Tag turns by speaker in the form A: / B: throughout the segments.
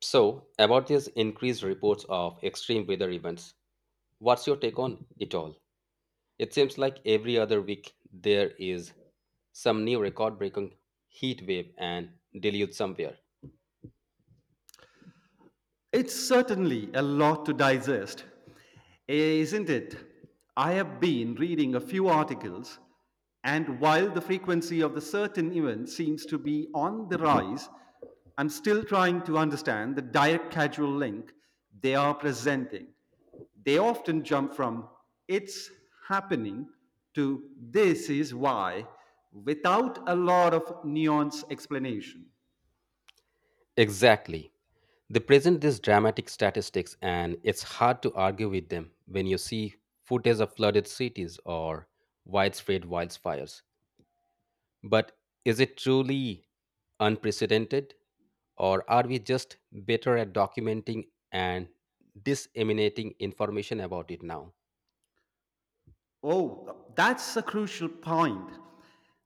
A: So, about these increased reports of extreme weather events, what's your take on it all? It seems like every other week there is some new record breaking heat wave and deluge somewhere.
B: It's certainly a lot to digest, eh, isn't it? I have been reading a few articles, and while the frequency of the certain event seems to be on the rise, I'm still trying to understand the direct causal link they are presenting. They often jump from it's happening to this is why without a lot of nuanced explanation.
A: Exactly. They present these dramatic statistics, and it's hard to argue with them when you see footage of flooded cities or widespread wildfires. But is it truly unprecedented? Or are we just better at documenting and disseminating information about it now?
B: Oh, that's a crucial point.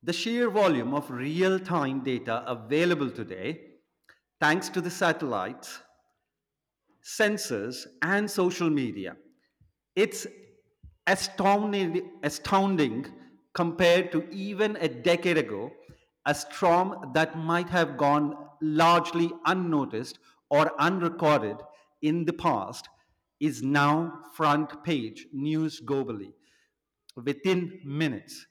B: The sheer volume of real time data available today, thanks to the satellites, sensors, and social media. It's astounding compared to even a decade ago. A storm that might have gone largely unnoticed or unrecorded in the past is now front page news globally within minutes.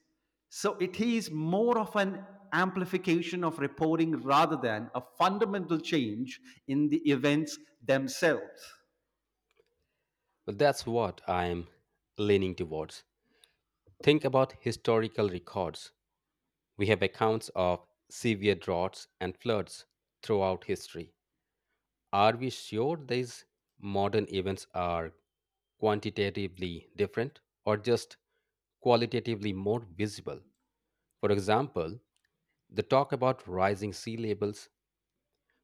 B: So it is more of an amplification of reporting rather than a fundamental change in the events themselves.
A: Well, that's what I'm leaning towards. Think about historical records. We have accounts of severe droughts and floods throughout history. Are we sure these modern events are quantitatively different or just qualitatively more visible? For example, the talk about rising sea levels.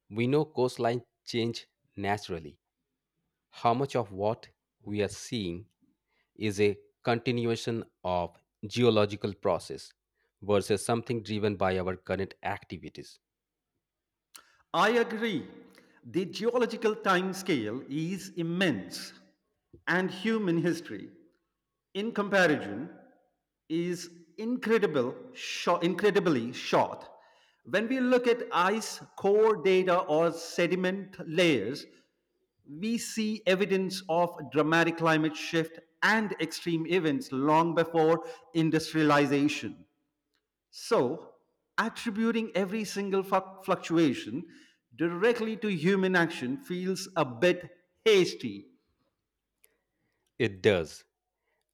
A: We know coastline change naturally. How much of what we are seeing is a continuation of geological process versus something driven by our current activities?
B: I agree. The geological time scale is immense, and human history, in comparison, is incredibly short. When we look at ice core data or sediment layers, we see evidence of dramatic climate shift and extreme events long before industrialization. So, attributing every single fluctuation directly to human action feels a bit hasty.
A: It does.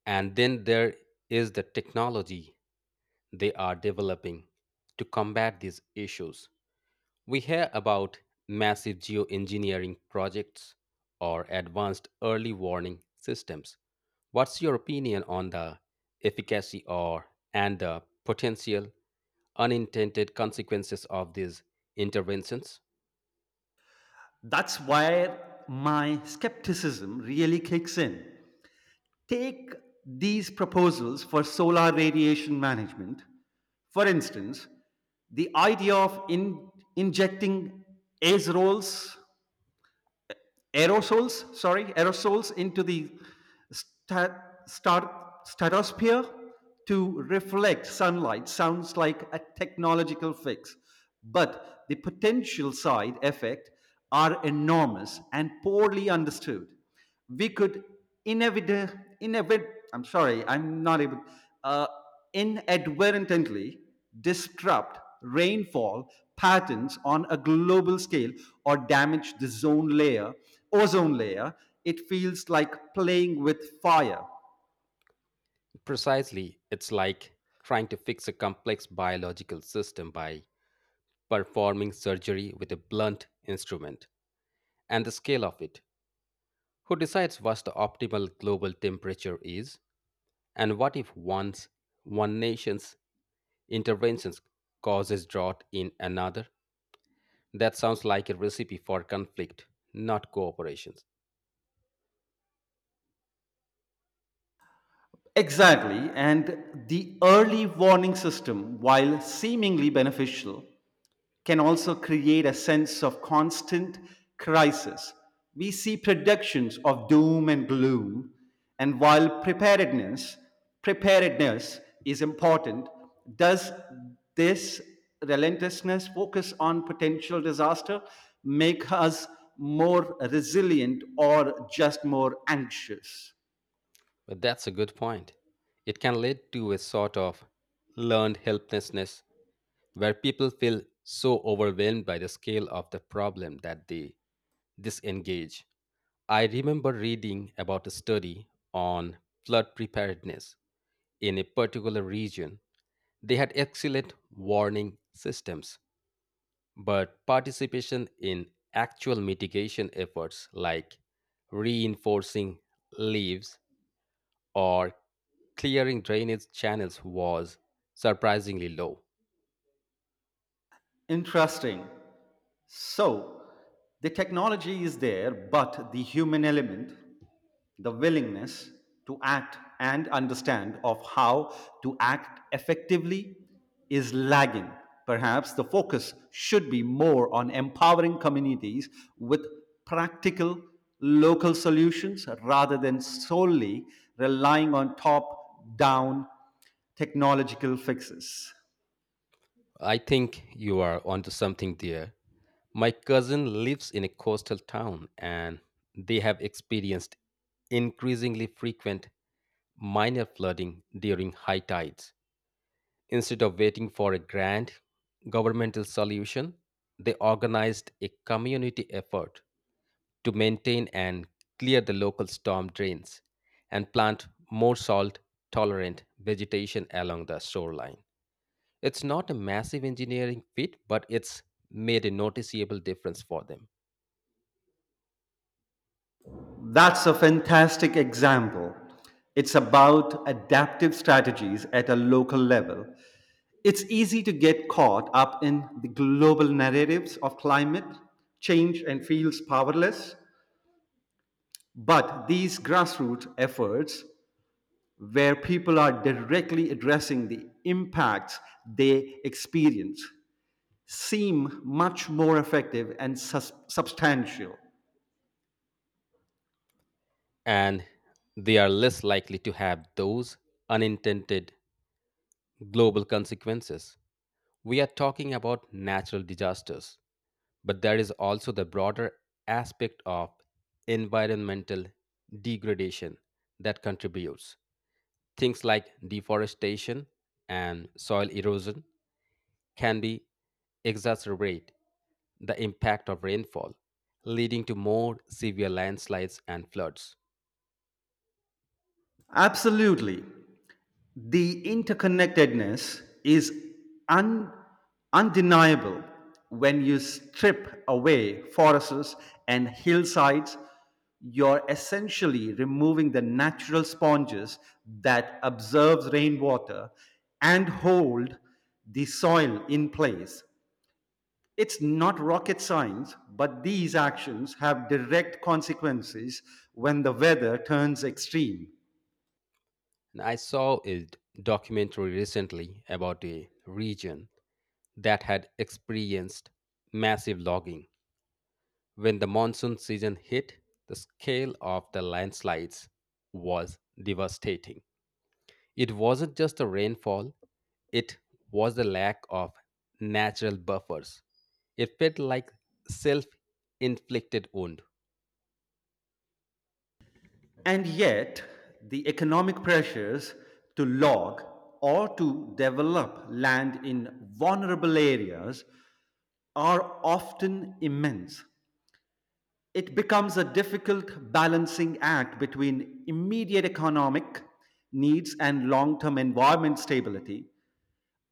A: And then there is the technology they are developing to combat these issues. We hear about massive geoengineering projects or advanced early warning systems. What's your opinion on the efficacy or and the potential unintended consequences of these interventions?
B: That's where my skepticism really kicks in. Take these proposals for solar radiation management. For instance, the idea of injecting azerols aerosols sorry aerosols into the sta- stratosphere to reflect sunlight sounds like a technological fix, but the potential side effects are enormous and poorly understood. We could inevit- inevit- I'm sorry, I'm not able, uh, inadvertently disrupt rainfall patterns on a global scale or damage the ozone layer. It feels like playing with fire.
A: Precisely, it's like trying to fix a complex biological system by performing surgery with a blunt instrument and the scale of it. Who decides what the optimal global temperature is? And what if once one nation's interventions causes drought in another? That sounds like a recipe for conflict, not cooperation.
B: Exactly, and the early warning system, while seemingly beneficial, can also create a sense of constant crisis. We see predictions of doom and gloom, and while preparedness is important, does this relentlessness focus on potential disaster make us more resilient or just more anxious?
A: But that's a good point. It can lead to a sort of learned helplessness where people feel so overwhelmed by the scale of the problem that they disengage. I remember reading about a study on flood preparedness in a particular region. They had excellent warning systems, but participation in actual mitigation efforts like reinforcing leaves or clearing drainage channels was surprisingly low.
B: Interesting. So, the technology is there, but the human element, the willingness to act and understand of how to act effectively is lagging. Perhaps the focus should be more on empowering communities with practical local solutions rather than solely relying on top down technological fixes.
A: I think you are onto something there. My cousin lives in a coastal town and they have experienced increasingly frequent minor flooding during high tides. Instead of waiting for a grand governmental solution, they organized a community effort to maintain and clear the local storm drains and plant more salt tolerant vegetation along the shoreline. It's not a massive engineering feat, but it's made a noticeable difference for them.
B: That's a fantastic example. It's about adaptive strategies at a local level. It's easy to get caught up in the global narratives of climate change and feels powerless. But these grassroots efforts, where people are directly addressing the impacts they experience, seem much more effective and substantial.
A: And they are less likely to have those unintended global consequences. We are talking about natural disasters. But there is also the broader aspect of environmental degradation that contributes. Things like deforestation and soil erosion can be exacerbate the impact of rainfall, leading to more severe landslides and floods.
B: Absolutely. The interconnectedness is un- undeniable when you strip away forests and hillsides. You're essentially removing the natural sponges that absorbs rainwater and hold the soil in place. It's not rocket science, but these actions have direct consequences when the weather turns extreme.
A: And I saw a documentary recently about a region that had experienced massive logging. When the monsoon season hit, the scale of the landslides was devastating. It wasn't just the rainfall, it was the lack of natural buffers. It felt like self inflicted wound.
B: And yet, the economic pressures to log or to develop land in vulnerable areas are often immense. It becomes a difficult balancing act between immediate economic needs and long term environment stability.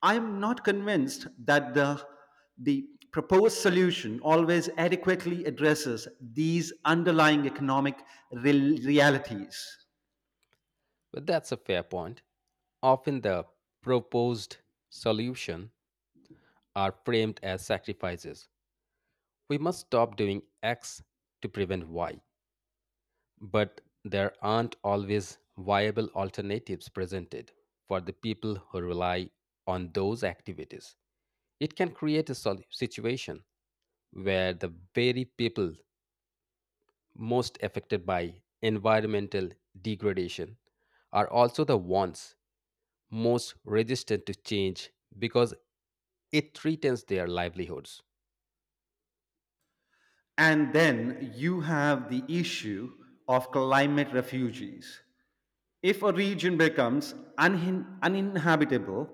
B: I'm not convinced that the proposed solution always adequately addresses these underlying economic realities.
A: But that's a fair point. Often the proposed solution are framed as sacrifices. We must stop doing X to prevent Y. But there aren't always viable alternatives presented for the people who rely on those activities. It can create a situation where the very people most affected by environmental degradation are also the ones most resistant to change because it threatens their livelihoods.
B: And then you have the issue of climate refugees. If a region becomes uninhabitable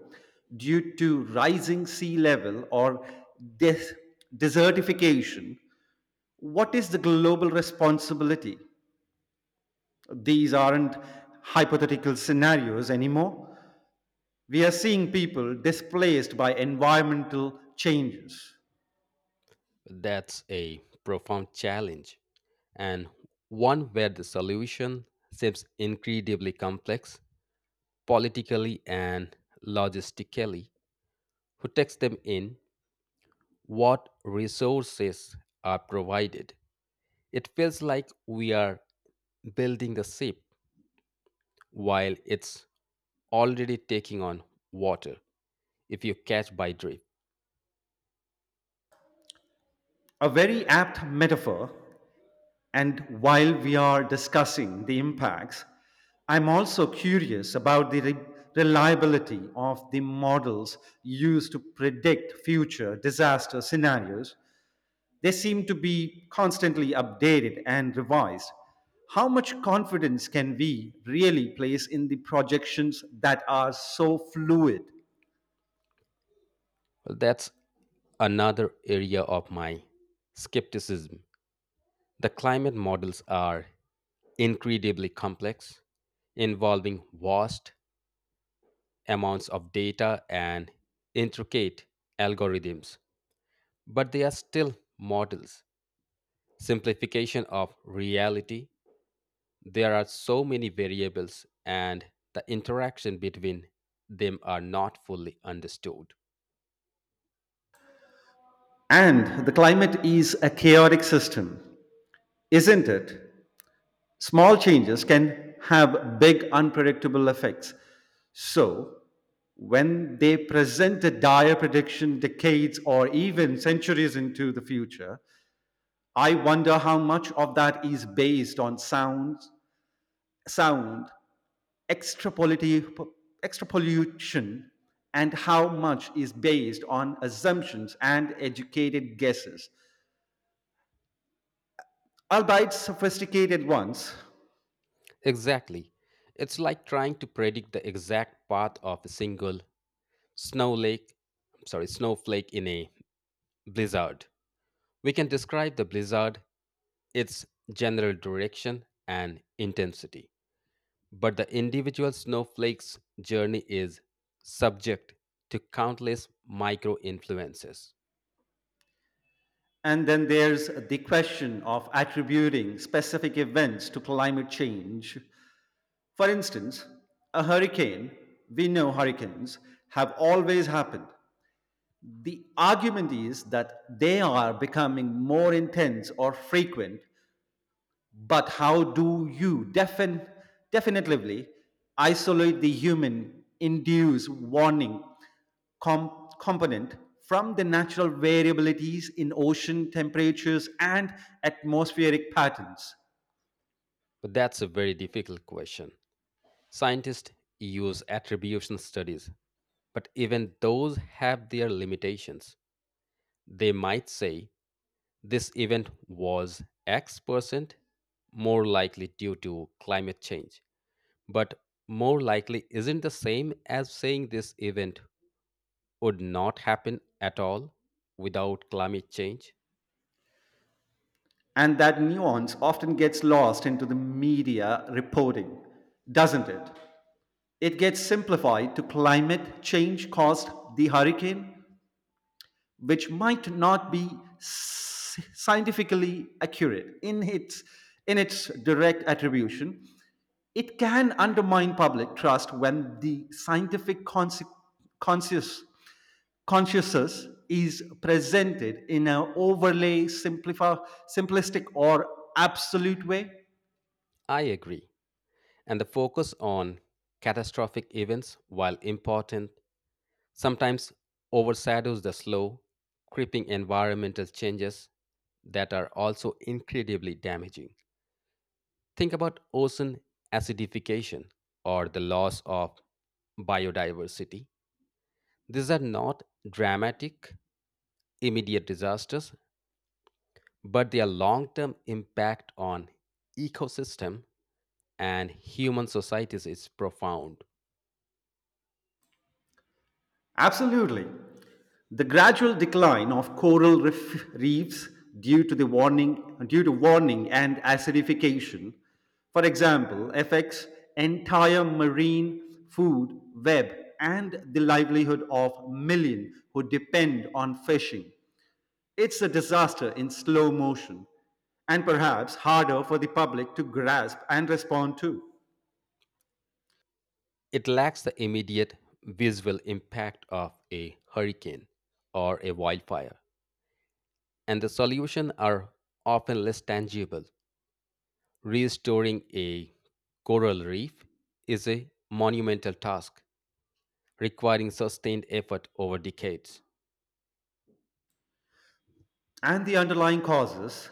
B: due to rising sea level or des- desertification, what is the global responsibility? These aren't hypothetical scenarios anymore. We are seeing people displaced by environmental changes.
A: That's a profound challenge and one where the solution seems incredibly complex politically and logistically, who takes them in, what resources are provided. It feels like we are building the ship while it's already taking on water, if you catch by drift.
B: A very apt metaphor. And while we are discussing the impacts, I'm also curious about the reliability of the models used to predict future disaster scenarios. They seem to be constantly updated and revised. How much confidence can we really place in the projections that are so fluid?
A: Well, that's another area of my skepticism. The climate models are incredibly complex, involving vast amounts of data and intricate algorithms, but they are still models. Simplification of reality, there are so many variables and the interaction between them are not fully understood.
B: And the climate is a chaotic system, isn't it? Small changes can have big unpredictable effects. So, when they present a dire prediction decades or even centuries into the future, I wonder how much of that is based on sound extrapolati- extrapolation, and how much is based on assumptions and educated guesses, albeit sophisticated ones.
A: Exactly. It's like trying to predict the exact path of a single snow lake, snowflake in a blizzard. We can describe the blizzard, its general direction and intensity, but the individual snowflake's journey is subject to countless micro influences.
B: And then there's the question of attributing specific events to climate change. For instance, a hurricane, we know hurricanes have always happened. The argument is that they are becoming more intense or frequent, but how do you definitively isolate the human induced warning component from the natural variabilities in ocean temperatures and atmospheric patterns?
A: But that's a very difficult question. Scientists use attribution studies, but even those have their limitations. They might say this event was X percent more likely due to climate change, but more likely isn't the same as saying this event would not happen at all without climate change.
B: And that nuance often gets lost into the media reporting, doesn't it? It gets simplified to climate change caused the hurricane, which might not be scientifically accurate in its direct attribution. It can undermine public trust when the scientific conscious consciousness is presented in an overlay simplistic or absolute way.
A: I agree. And the focus on catastrophic events, while important, sometimes overshadows the slow, creeping environmental changes that are also incredibly damaging. Think about ocean acidification or the loss of biodiversity. These are not dramatic, immediate disasters, but their long term impact on ecosystem and human societies is profound.
B: Absolutely. The gradual decline of coral reef reefs due to warning and acidification, for example, affects entire marine food web and the livelihood of millions who depend on fishing. It's a disaster in slow motion and perhaps harder for the public to grasp and respond to.
A: It lacks the immediate visual impact of a hurricane or a wildfire, and the solutions are often less tangible. Restoring a coral reef is a monumental task requiring sustained effort over decades.
B: And the underlying causes,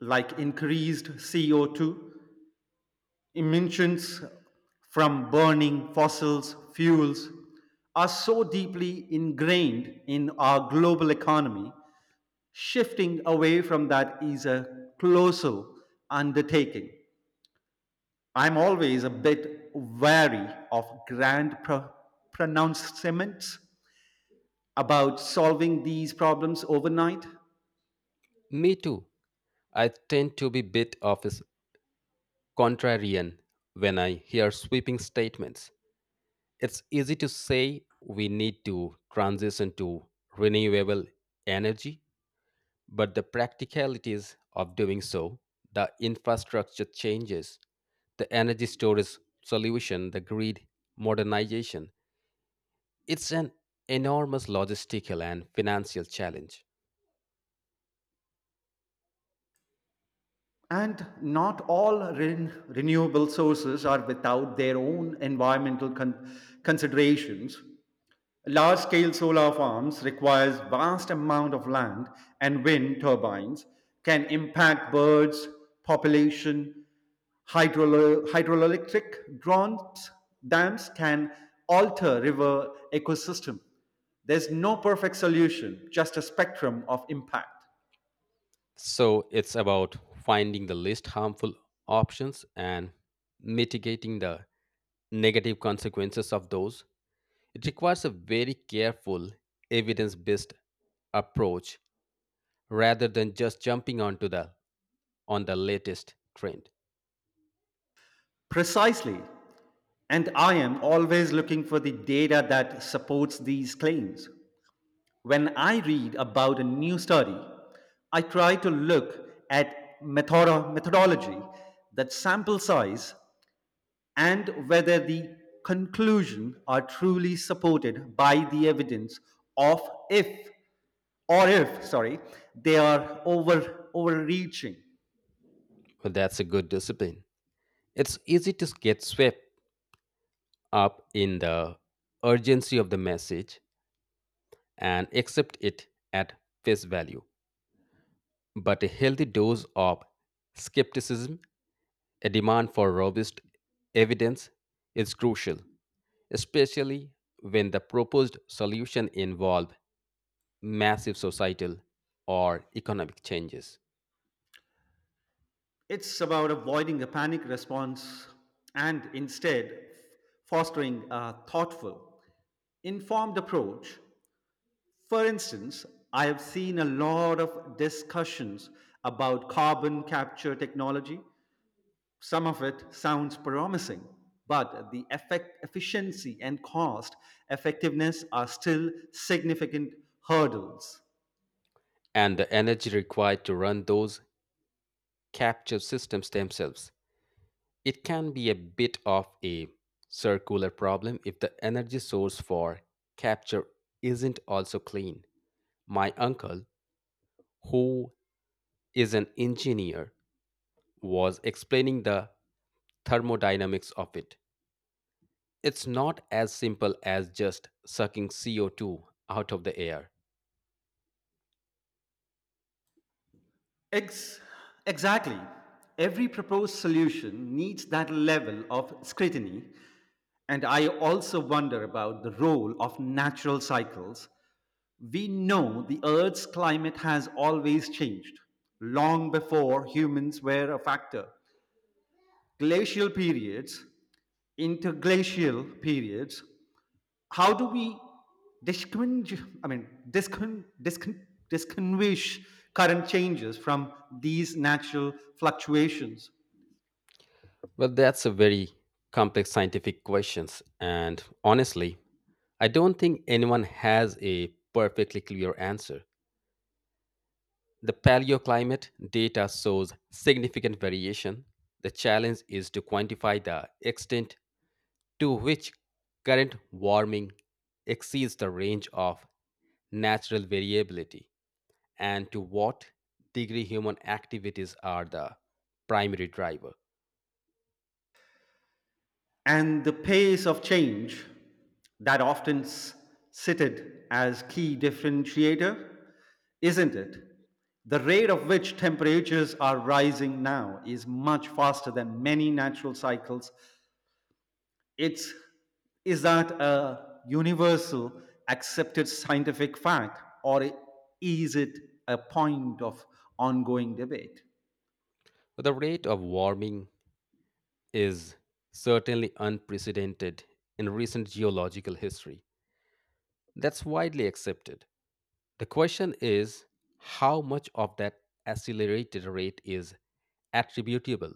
B: like increased CO2 emissions from burning fossil fuels are so deeply ingrained in our global economy. Shifting away from that is a colossal undertaking. I'm always a bit wary of grand pronouncements about solving these problems overnight.
A: Me too. I tend to be a bit of a contrarian when I hear sweeping statements. It's easy to say we need to transition to renewable energy. But the practicalities of doing so, the infrastructure changes, the energy storage solution, the grid modernization, it's an enormous logistical and financial challenge.
B: And not all renewable sources are without their own environmental considerations. Large-scale solar farms requires vast amount of land, and wind turbines can impact birds population. Hydroelectric dams can alter river ecosystem. There's no perfect solution, just a spectrum of impact.
A: So it's about finding the least harmful options and mitigating the negative consequences of those. It requires a very careful, evidence based approach rather than just jumping onto the on the latest trend.
B: Precisely. And I am always looking for the data that supports these claims. When I read about a new study, I try to look at methodology, that sample size, and whether the conclusion are truly supported by the evidence of if or if sorry they are overreaching.
A: Well, that's a good discipline. It's easy to get swept up in the urgency of the message and accept it at face value. But a healthy dose of skepticism, a demand for robust evidence, is crucial, especially when the proposed solution involves massive societal or economic changes.
B: It's about avoiding a panic response and instead fostering a thoughtful informed approach. For instance, I have seen a lot of discussions about carbon capture technology. Some of it sounds promising, but the effect, efficiency and cost effectiveness are still significant hurdles.
A: And the energy required to run those capture systems themselves, it can be a bit of a circular problem if the energy source for capture isn't also clean. My uncle, who is an engineer, was explaining the thermodynamics of it. It's not as simple as just sucking CO2 out of the air.
B: Ex- exactly. Every proposed solution needs that level of scrutiny. And I also wonder about the role of natural cycles. We know the Earth's climate has always changed, long before humans were a factor. Glacial periods, interglacial periods, how do we distinguish current changes from these natural fluctuations?
A: Well, that's a very complex scientific questions and honestly, I don't think anyone has a perfectly clear answer. The paleoclimate data shows significant variation. The challenge is to quantify the extent to which current warming exceeds the range of natural variability and to what degree human activities are the primary driver.
B: And the pace of change, that often cited as key differentiator, isn't it? The rate of which temperatures are rising now is much faster than many natural cycles. It's Is that a universal accepted scientific fact, or is it a point of ongoing debate?
A: The rate of warming is certainly unprecedented in recent geological history. That's widely accepted. The question is how much of that accelerated rate is attributable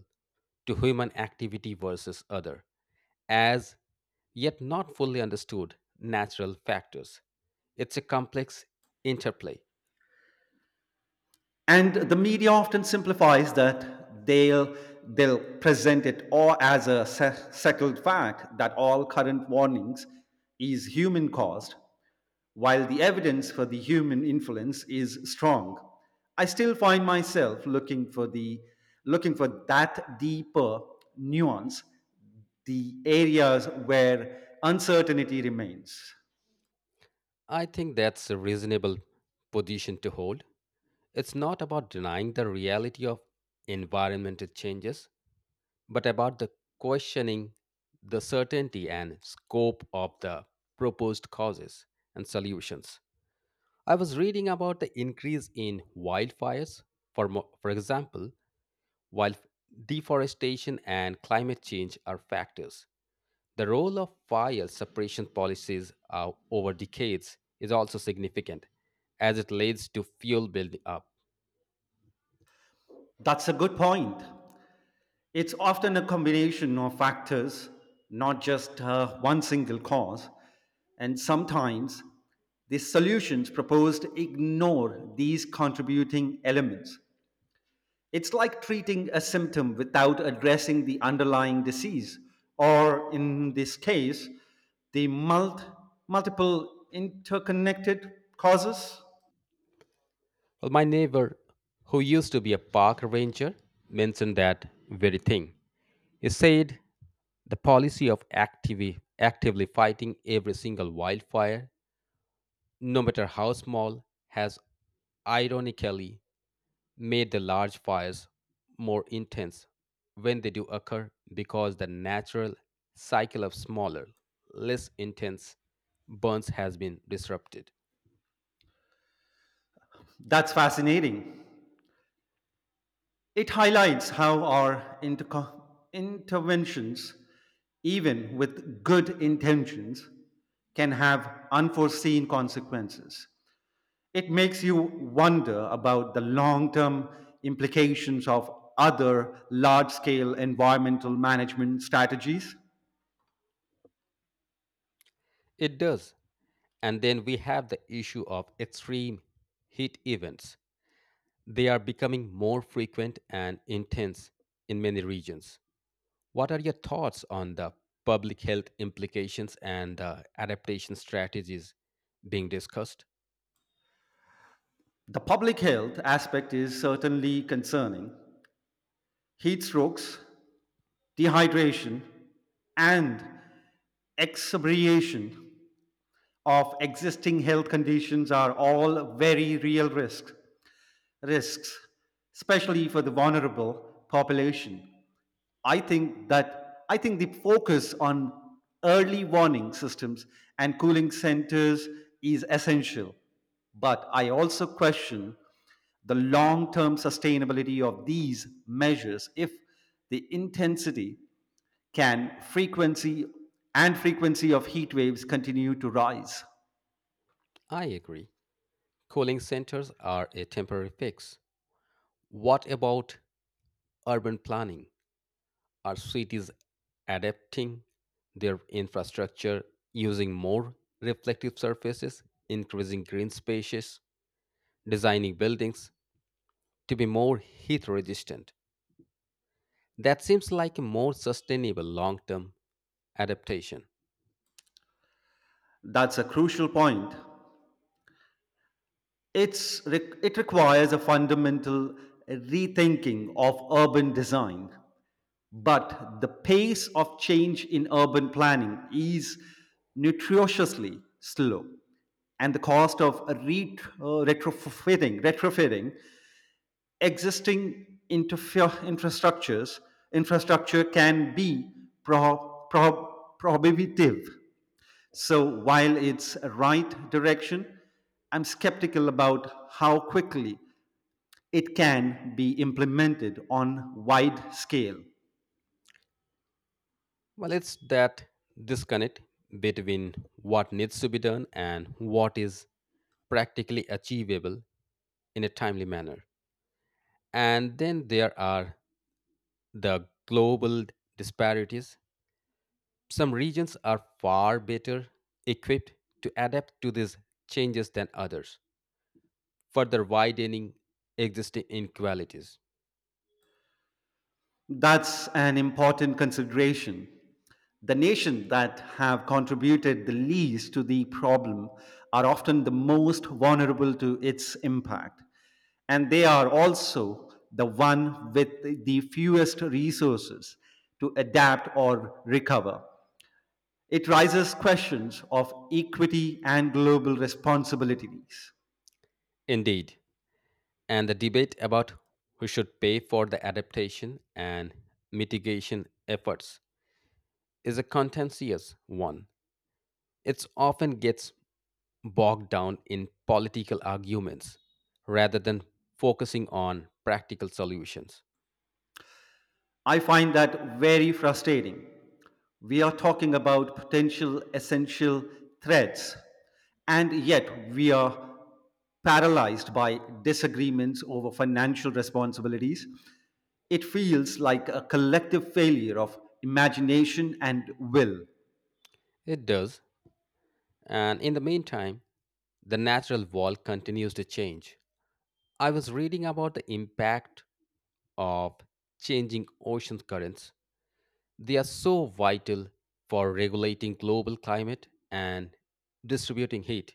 A: to human activity versus other, as yet not fully understood natural factors. It's a complex interplay.
B: And the media often simplifies that, they'll present it all as a settled fact that all current warnings is human caused, while the evidence for the human influence is strong. I still find myself looking for that deeper nuance, the areas where uncertainty remains.
A: I think that's a reasonable position to hold. It's not about denying the reality of environmental changes, but about the questioning the certainty and scope of the proposed causes and solutions. I was reading about the increase in wildfires. For example, while deforestation and climate change are factors, the role of fire suppression policies over decades is also significant, as it leads to fuel building up.
B: That's a good point. It's often a combination of factors, not just one single cause. And sometimes the solutions proposed ignore these contributing elements. It's like treating a symptom without addressing the underlying disease, or in this case, the multiple interconnected causes.
A: Well, my neighbor, who used to be a park ranger, mentioned that very thing. He said the policy of actively fighting every single wildfire no matter how small, has ironically made the large fires more intense when they do occur because the natural cycle of smaller, less intense burns has been disrupted.
B: That's fascinating. It highlights how our interventions, even with good intentions, can have unforeseen consequences. It makes you wonder about the long term implications of other large scale environmental management strategies.
A: It does. And then we have the issue of extreme heat events. They are becoming more frequent and intense in many regions. What are your thoughts on the public health implications and adaptation strategies being discussed?
B: The public health aspect is certainly concerning. Heat strokes, dehydration, and exabriation of existing health conditions are all very real risks, especially for the vulnerable population. I think that I think the focus on early warning systems and cooling centers is essential, but I also question the long term sustainability of these measures if the intensity can frequency and frequency of heat waves continue to rise.
A: I agree. Cooling centers are a temporary fix. What about urban planning? Are cities adapting their infrastructure using more reflective surfaces, increasing green spaces, designing buildings to be more heat resistant? That seems like a more sustainable long term adaptation.
B: That's a crucial point. It's, it requires a fundamental rethinking of urban design. But the pace of change in urban planning is nutritiously slow, and the cost of a retrofitting existing infrastructure can be prohibitive. So while it's a right direction, I'm skeptical about how quickly it can be implemented on wide scale.
A: Well, it's that disconnect between what needs to be done and what is practically achievable in a timely manner. And then there are the global disparities. Some regions are far better equipped to adapt to these changes than others, further widening existing inequalities.
B: That's an important consideration. The nations that have contributed the least to the problem are often the most vulnerable to its impact, and they are also the one with the fewest resources to adapt or recover. It raises questions of equity and global responsibilities.
A: Indeed, and the debate about who should pay for the adaptation and mitigation efforts is a contentious one. It often gets bogged down in political arguments rather than focusing on practical solutions.
B: I find that very frustrating. We are talking about potential essential threats, and yet we are paralyzed by disagreements over financial responsibilities. It feels like a collective failure of imagination and will.
A: It does, and in the meantime, the natural wall continues to change. I was reading about the impact of changing ocean currents. They are so vital for regulating global climate and distributing heat.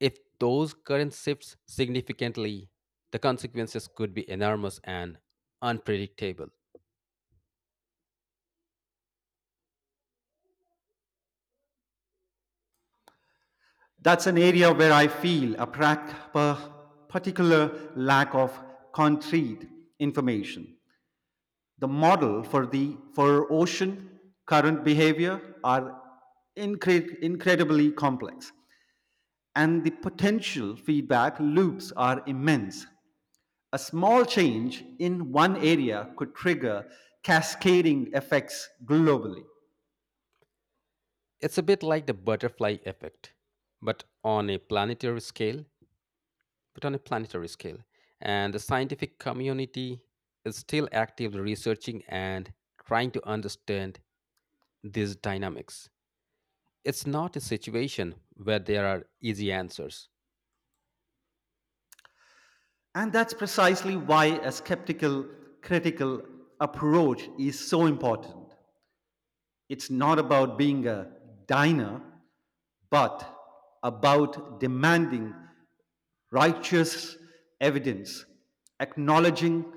A: If those currents shift significantly, the consequences could be enormous and unpredictable.
B: That's an area where I feel a particular lack of concrete information. The model for ocean current behavior are incredibly complex, and the potential feedback loops are immense. A small change in one area could trigger cascading effects globally.
A: It's a bit like the butterfly effect, but on a planetary scale, but on a planetary scale. And the scientific community is still actively researching and trying to understand these dynamics. It's not a situation where there are easy answers.
B: And that's precisely why a skeptical critical approach is so important. It's not about being a diner, but about demanding righteous evidence, acknowledging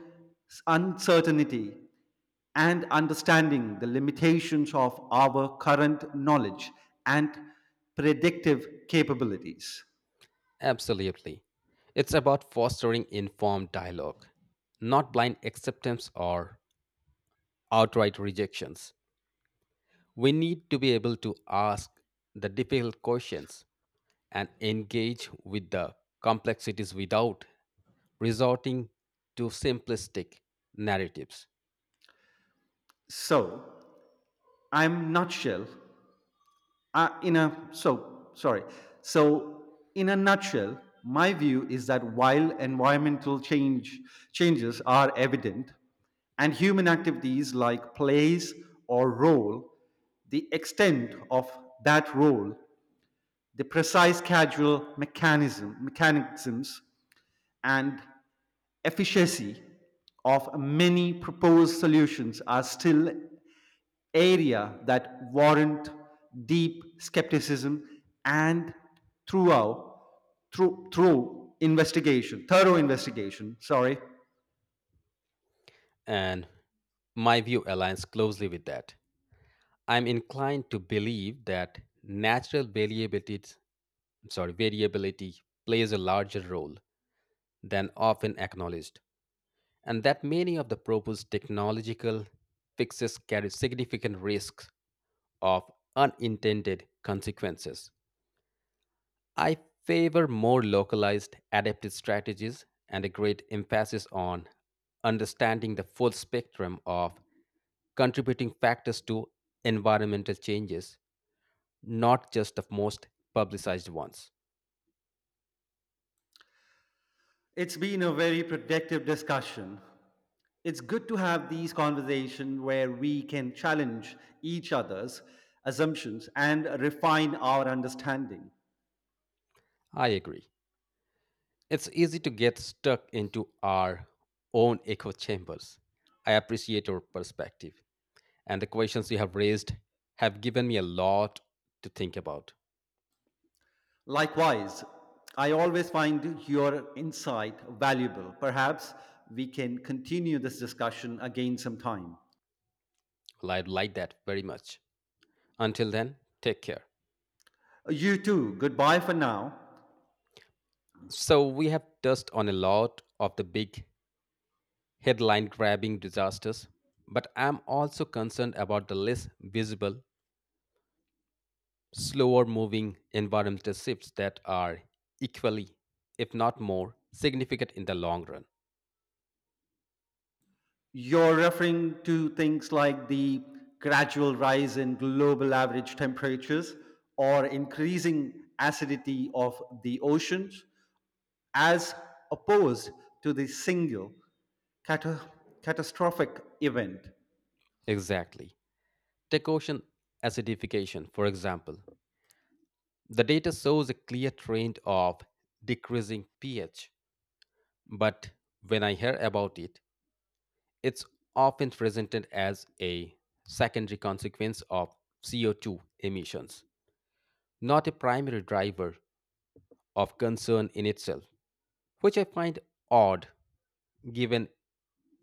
B: uncertainty, and understanding the limitations of our current knowledge and predictive capabilities.
A: Absolutely. It's about fostering informed dialogue, not blind acceptance or outright rejections. We need to be able to ask the difficult questions and engage with the complexities without resorting to simplistic narratives.
B: So, I'm nutshell in a so sorry. So in a nutshell, my view is that while environmental changes are evident, and human activities like plays or role, the extent of that role, the precise causal mechanisms, and efficiency of many proposed solutions are still area that warrant deep skepticism and throughout through through investigation thorough investigation sorry
A: And my view aligns closely with that. I'm inclined to believe that natural variability plays a larger role than often acknowledged, and that many of the proposed technological fixes carry significant risks of unintended consequences. I favor more localized adaptive strategies and a great emphasis on understanding the full spectrum of contributing factors to environmental changes, not just the most publicized ones.
B: It's been a very productive discussion. It's good to have these conversations where we can challenge each other's assumptions and refine our understanding.
A: I agree. It's easy to get stuck into our own echo chambers. I appreciate your perspective, and the questions you have raised have given me a lot to think about.
B: Likewise, I always find your insight valuable. Perhaps we can continue this discussion again sometime.
A: Well, I like that very much. Until then, take care.
B: You too. Goodbye for now.
A: So, we have touched on a lot of the big headline grabbing disasters, but I'm also concerned about the less visible, slower moving environmental shifts that are equally, if not more, significant in the long run.
B: You're referring to things like the gradual rise in global average temperatures or increasing acidity of the oceans, as opposed to the single cata- catastrophic event.
A: Exactly. Take ocean acidification, for example. The data shows a clear trend of decreasing pH, but when I hear about it, it's often presented as a secondary consequence of CO2 emissions, not a primary driver of concern in itself, which I find odd given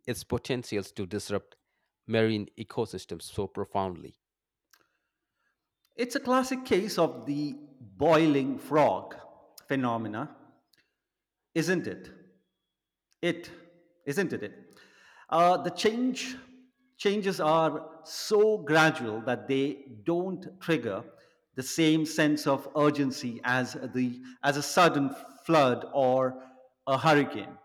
A: its potentials to disrupt marine ecosystems so profoundly.
B: It's a classic case of the boiling frog phenomena, isn't it? It isn't it. It the changes are so gradual that they don't trigger the same sense of urgency as the as a sudden flood or a hurricane.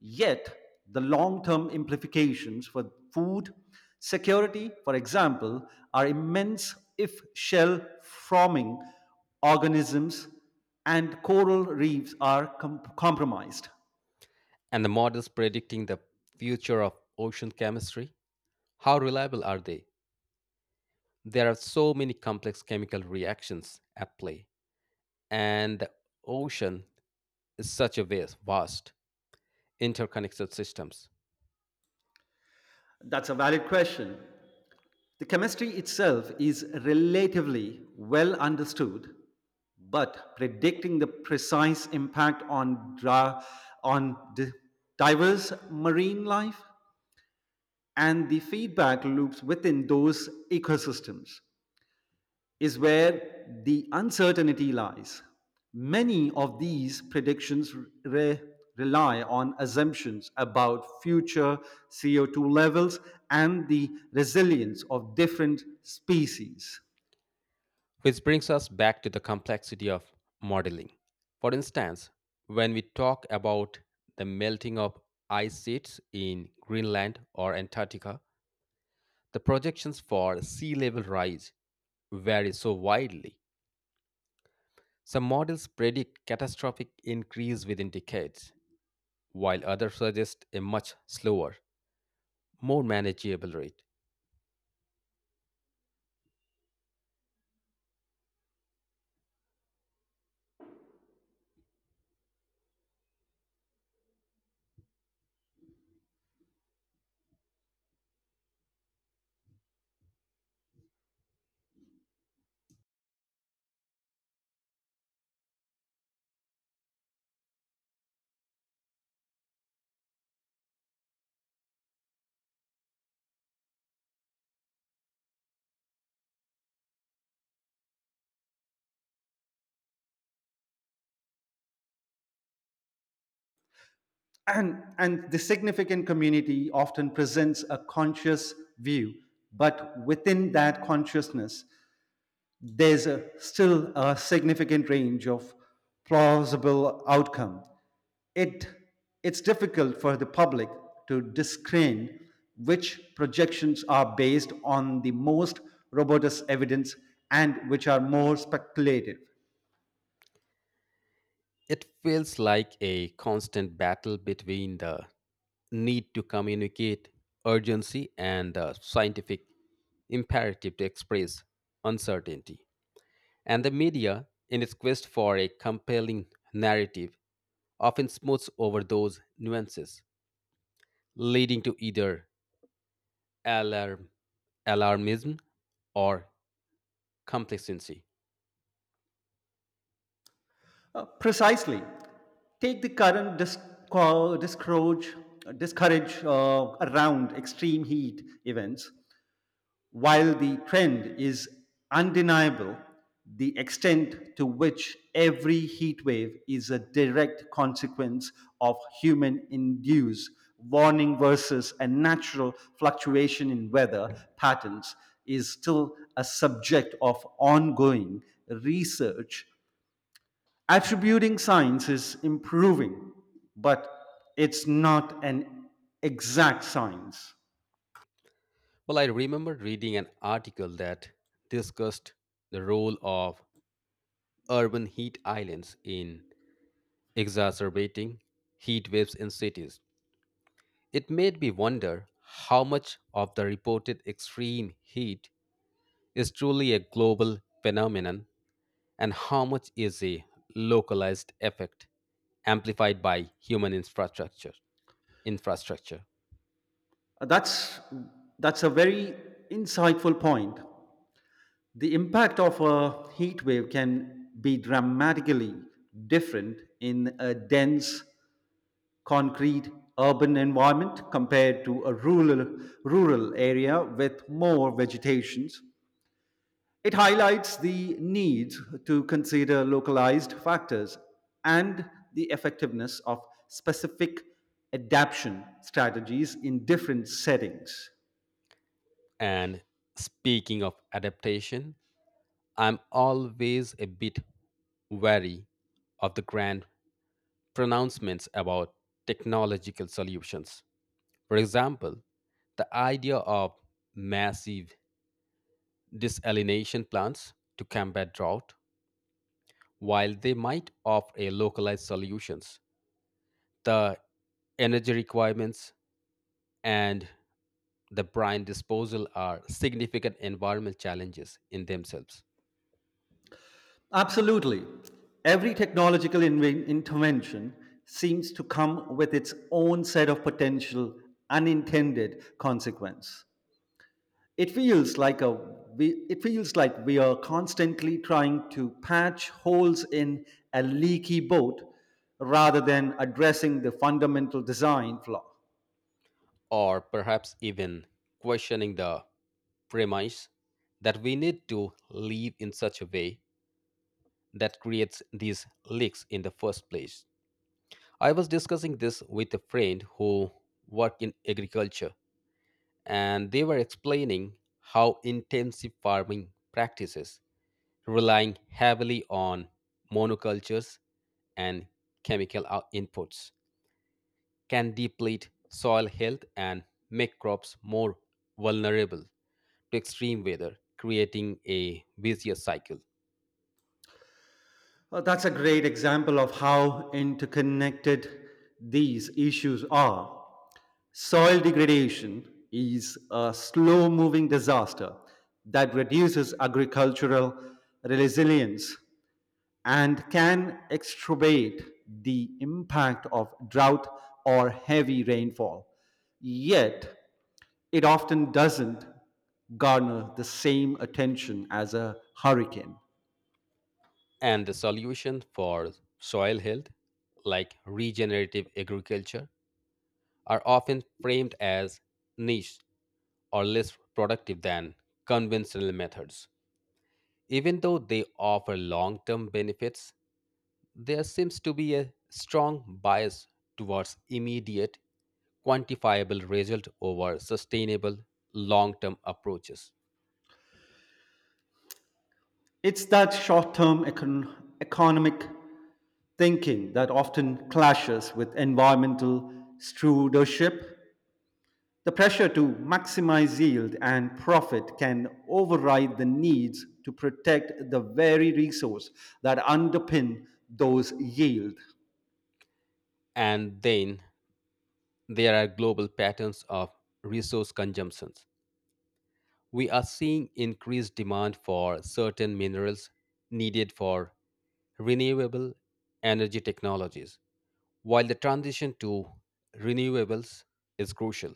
B: Yet, the long term implications for food security, for example, are immense if shell forming organisms and coral reefs are compromised.
A: And the models predicting the future of ocean chemistry, how reliable are they? There are so many complex chemical reactions at play, and the ocean is such a vast interconnected systems.
B: That's a valid question. The chemistry itself is relatively well understood, but predicting the precise impact on diverse marine life and the feedback loops within those ecosystems is where the uncertainty lies. Many of these predictions re- rely on assumptions about future CO2 levels and the resilience of different species.
A: Which brings us back to the complexity of modeling. For instance, when we talk about the melting of ice sheets in Greenland or Antarctica, the projections for sea level rise vary so widely. Some models predict catastrophic increase within decades, while others suggest a much slower, more manageable rate.
B: And the significant community often presents a conscious view, but within that consciousness, still a significant range of plausible outcome. It, it's difficult for the public to discern which projections are based on the most robust evidence and which are more speculative.
A: It feels like a constant battle between the need to communicate urgency and the scientific imperative to express uncertainty. And the media, in its quest for a compelling narrative, often smooths over those nuances, leading to either alarm, alarmism or complacency.
B: Precisely, take the current discourage around extreme heat events. While the trend is undeniable, the extent to which every heat wave is a direct consequence of human induced warning versus a natural fluctuation in weather patterns is still a subject of ongoing research. Attributing science is improving, but it's not an exact science.
A: Well, I remember reading an article that discussed the role of urban heat islands in exacerbating heat waves in cities. It made me wonder how much of the reported extreme heat is truly a global phenomenon and how much is a localized effect amplified by human infrastructure.
B: Uh, That's that's a very insightful point. The impact of a heat wave can be dramatically different in a dense concrete urban environment compared to a rural area with more vegetations. It highlights the need to consider localized factors and the effectiveness of specific adaptation strategies in different settings.
A: And speaking of adaptation, I'm always a bit wary of the grand pronouncements about technological solutions. For example, the idea of massive desalination plants to combat drought, while they might offer a localized solutions, the energy requirements and the brine disposal are significant environmental challenges in themselves.
B: Absolutely. Every technological intervention seems to come with its own set of potential unintended consequence. It feels like a it feels like we are constantly trying to patch holes in a leaky boat rather than addressing the fundamental design flaw.
A: Or perhaps even questioning the premise that we need to live in such a way that creates these leaks in the first place. I was discussing this with a friend who worked in agriculture, and they were explaining how intensive farming practices, relying heavily on monocultures and inputs, can deplete soil health and make crops more vulnerable to extreme weather, creating a vicious cycle.
B: Well, that's a great example of how interconnected these issues are. Soil degradation is a slow moving disaster that reduces agricultural resilience and can exacerbate the impact of drought or heavy rainfall. Yet, it often doesn't garner the same attention as a hurricane.
A: And the solution for soil health, like regenerative agriculture, are often framed as niche or less productive than conventional methods. Even though they offer long term benefits, there seems to be a strong bias towards immediate, quantifiable result over sustainable, long term approaches.
B: It's that short term economic thinking that often clashes with environmental stewardship. The pressure to maximize yield and profit can override the needs to protect the very resource that underpin those yield.
A: And then there are global patterns of resource consumptions. We are seeing increased demand for certain minerals needed for renewable energy technologies, while the transition to renewables is crucial.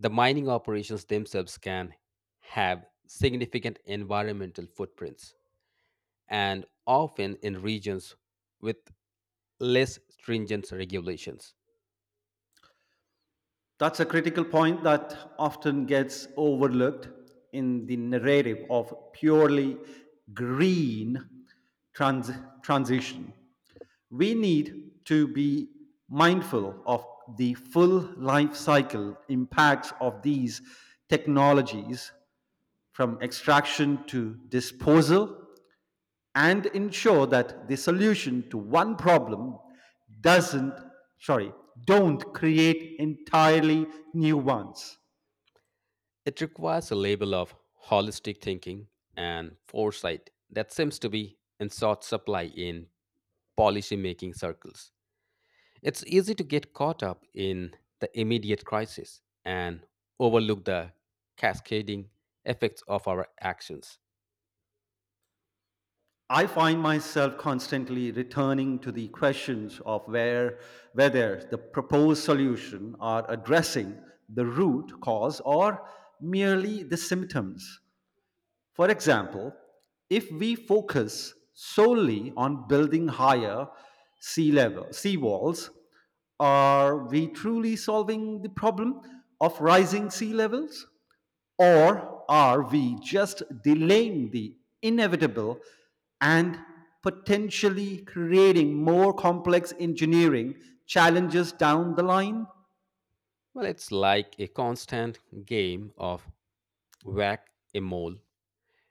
A: The mining operations themselves can have significant environmental footprints and often in regions with less stringent regulations.
B: That's a critical point that often gets overlooked in the narrative of purely green trans- transition. We need to be mindful of the full life cycle impacts of these technologies from extraction to disposal and ensure that the solution to one problem doesn't, sorry, don't create entirely new ones.
A: It requires a level of holistic thinking and foresight that seems to be in short supply in policymaking circles. It's easy to get caught up in the immediate crisis and overlook the cascading effects of our actions.
B: I find myself constantly returning to the questions of where, whether the proposed solution are addressing the root cause or merely the symptoms. For example, if we focus solely on building higher sea walls, are we truly solving the problem of rising sea levels? Or are we just delaying the inevitable and potentially creating more complex engineering challenges down the line?
A: Well, it's like a constant game of whack a mole,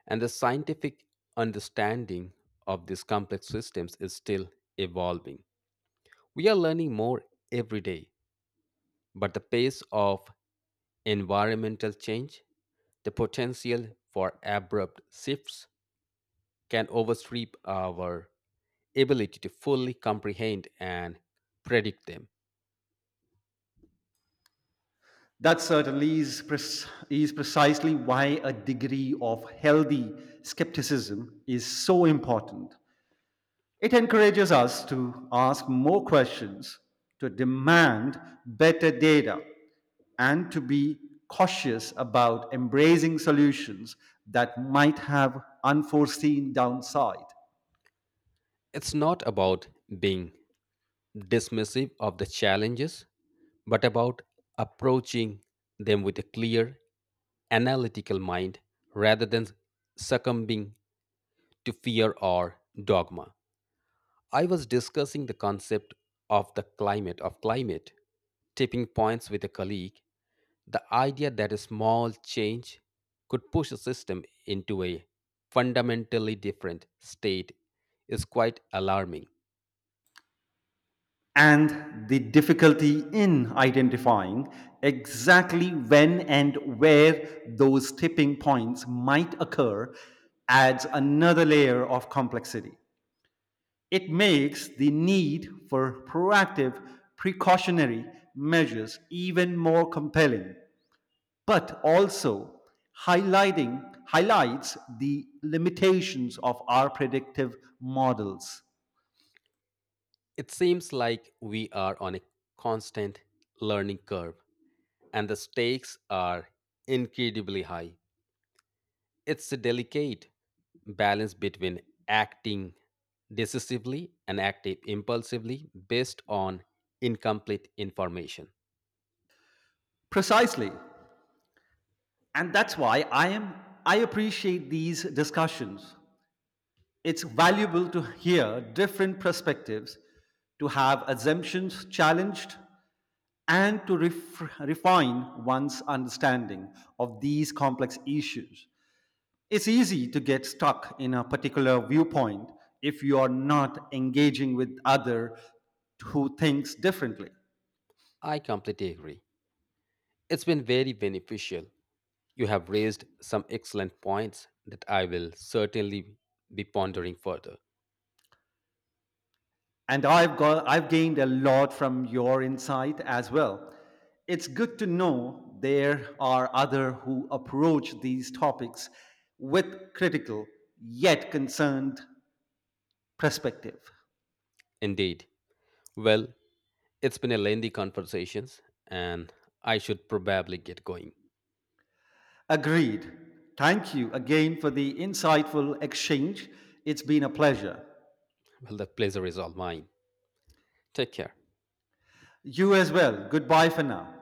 A: and the scientific understanding of these complex systems is still evolving. We are learning more every day, but the pace of environmental change, the potential for abrupt shifts, can oversweep our ability to fully comprehend and predict them.
B: That certainly is precisely why a degree of healthy skepticism is so important. It encourages us to ask more questions, to demand better data, and to be cautious about embracing solutions that might have unforeseen downside.
A: It's not about being dismissive of the challenges, but about approaching them with a clear, analytical mind rather than succumbing to fear or dogma. I was discussing the concept of the climate of climate tipping points with a colleague, the idea that a small change could push a system into a fundamentally different state is quite alarming.
B: And the difficulty in identifying exactly when and where those tipping points might occur adds another layer of complexity. It makes the need for proactive precautionary measures even more compelling, but also highlighting highlights the limitations of our predictive models.
A: It seems like we are on a constant learning curve and the stakes are incredibly high. It's a delicate balance between acting decisively and acting impulsively based on incomplete information.
B: Precisely. And that's why I appreciate these discussions. It's valuable to hear different perspectives, to have assumptions challenged, and to refine one's understanding of these complex issues. It's easy to get stuck in a particular viewpoint if you are not engaging with others who thinks differently.
A: I completely agree. It's been very beneficial. You have raised some excellent points that I will certainly be pondering further.
B: And I've gained a lot from your insight as well. It's good to know there are other who approach these topics with critical yet concerned perspective.
A: Indeed. Well, it's been a lengthy conversations and I should probably get going.
B: Agreed. Thank you again for the insightful exchange. It's been a pleasure.
A: Well, the pleasure is all mine. Take care.
B: You as well. Goodbye for now.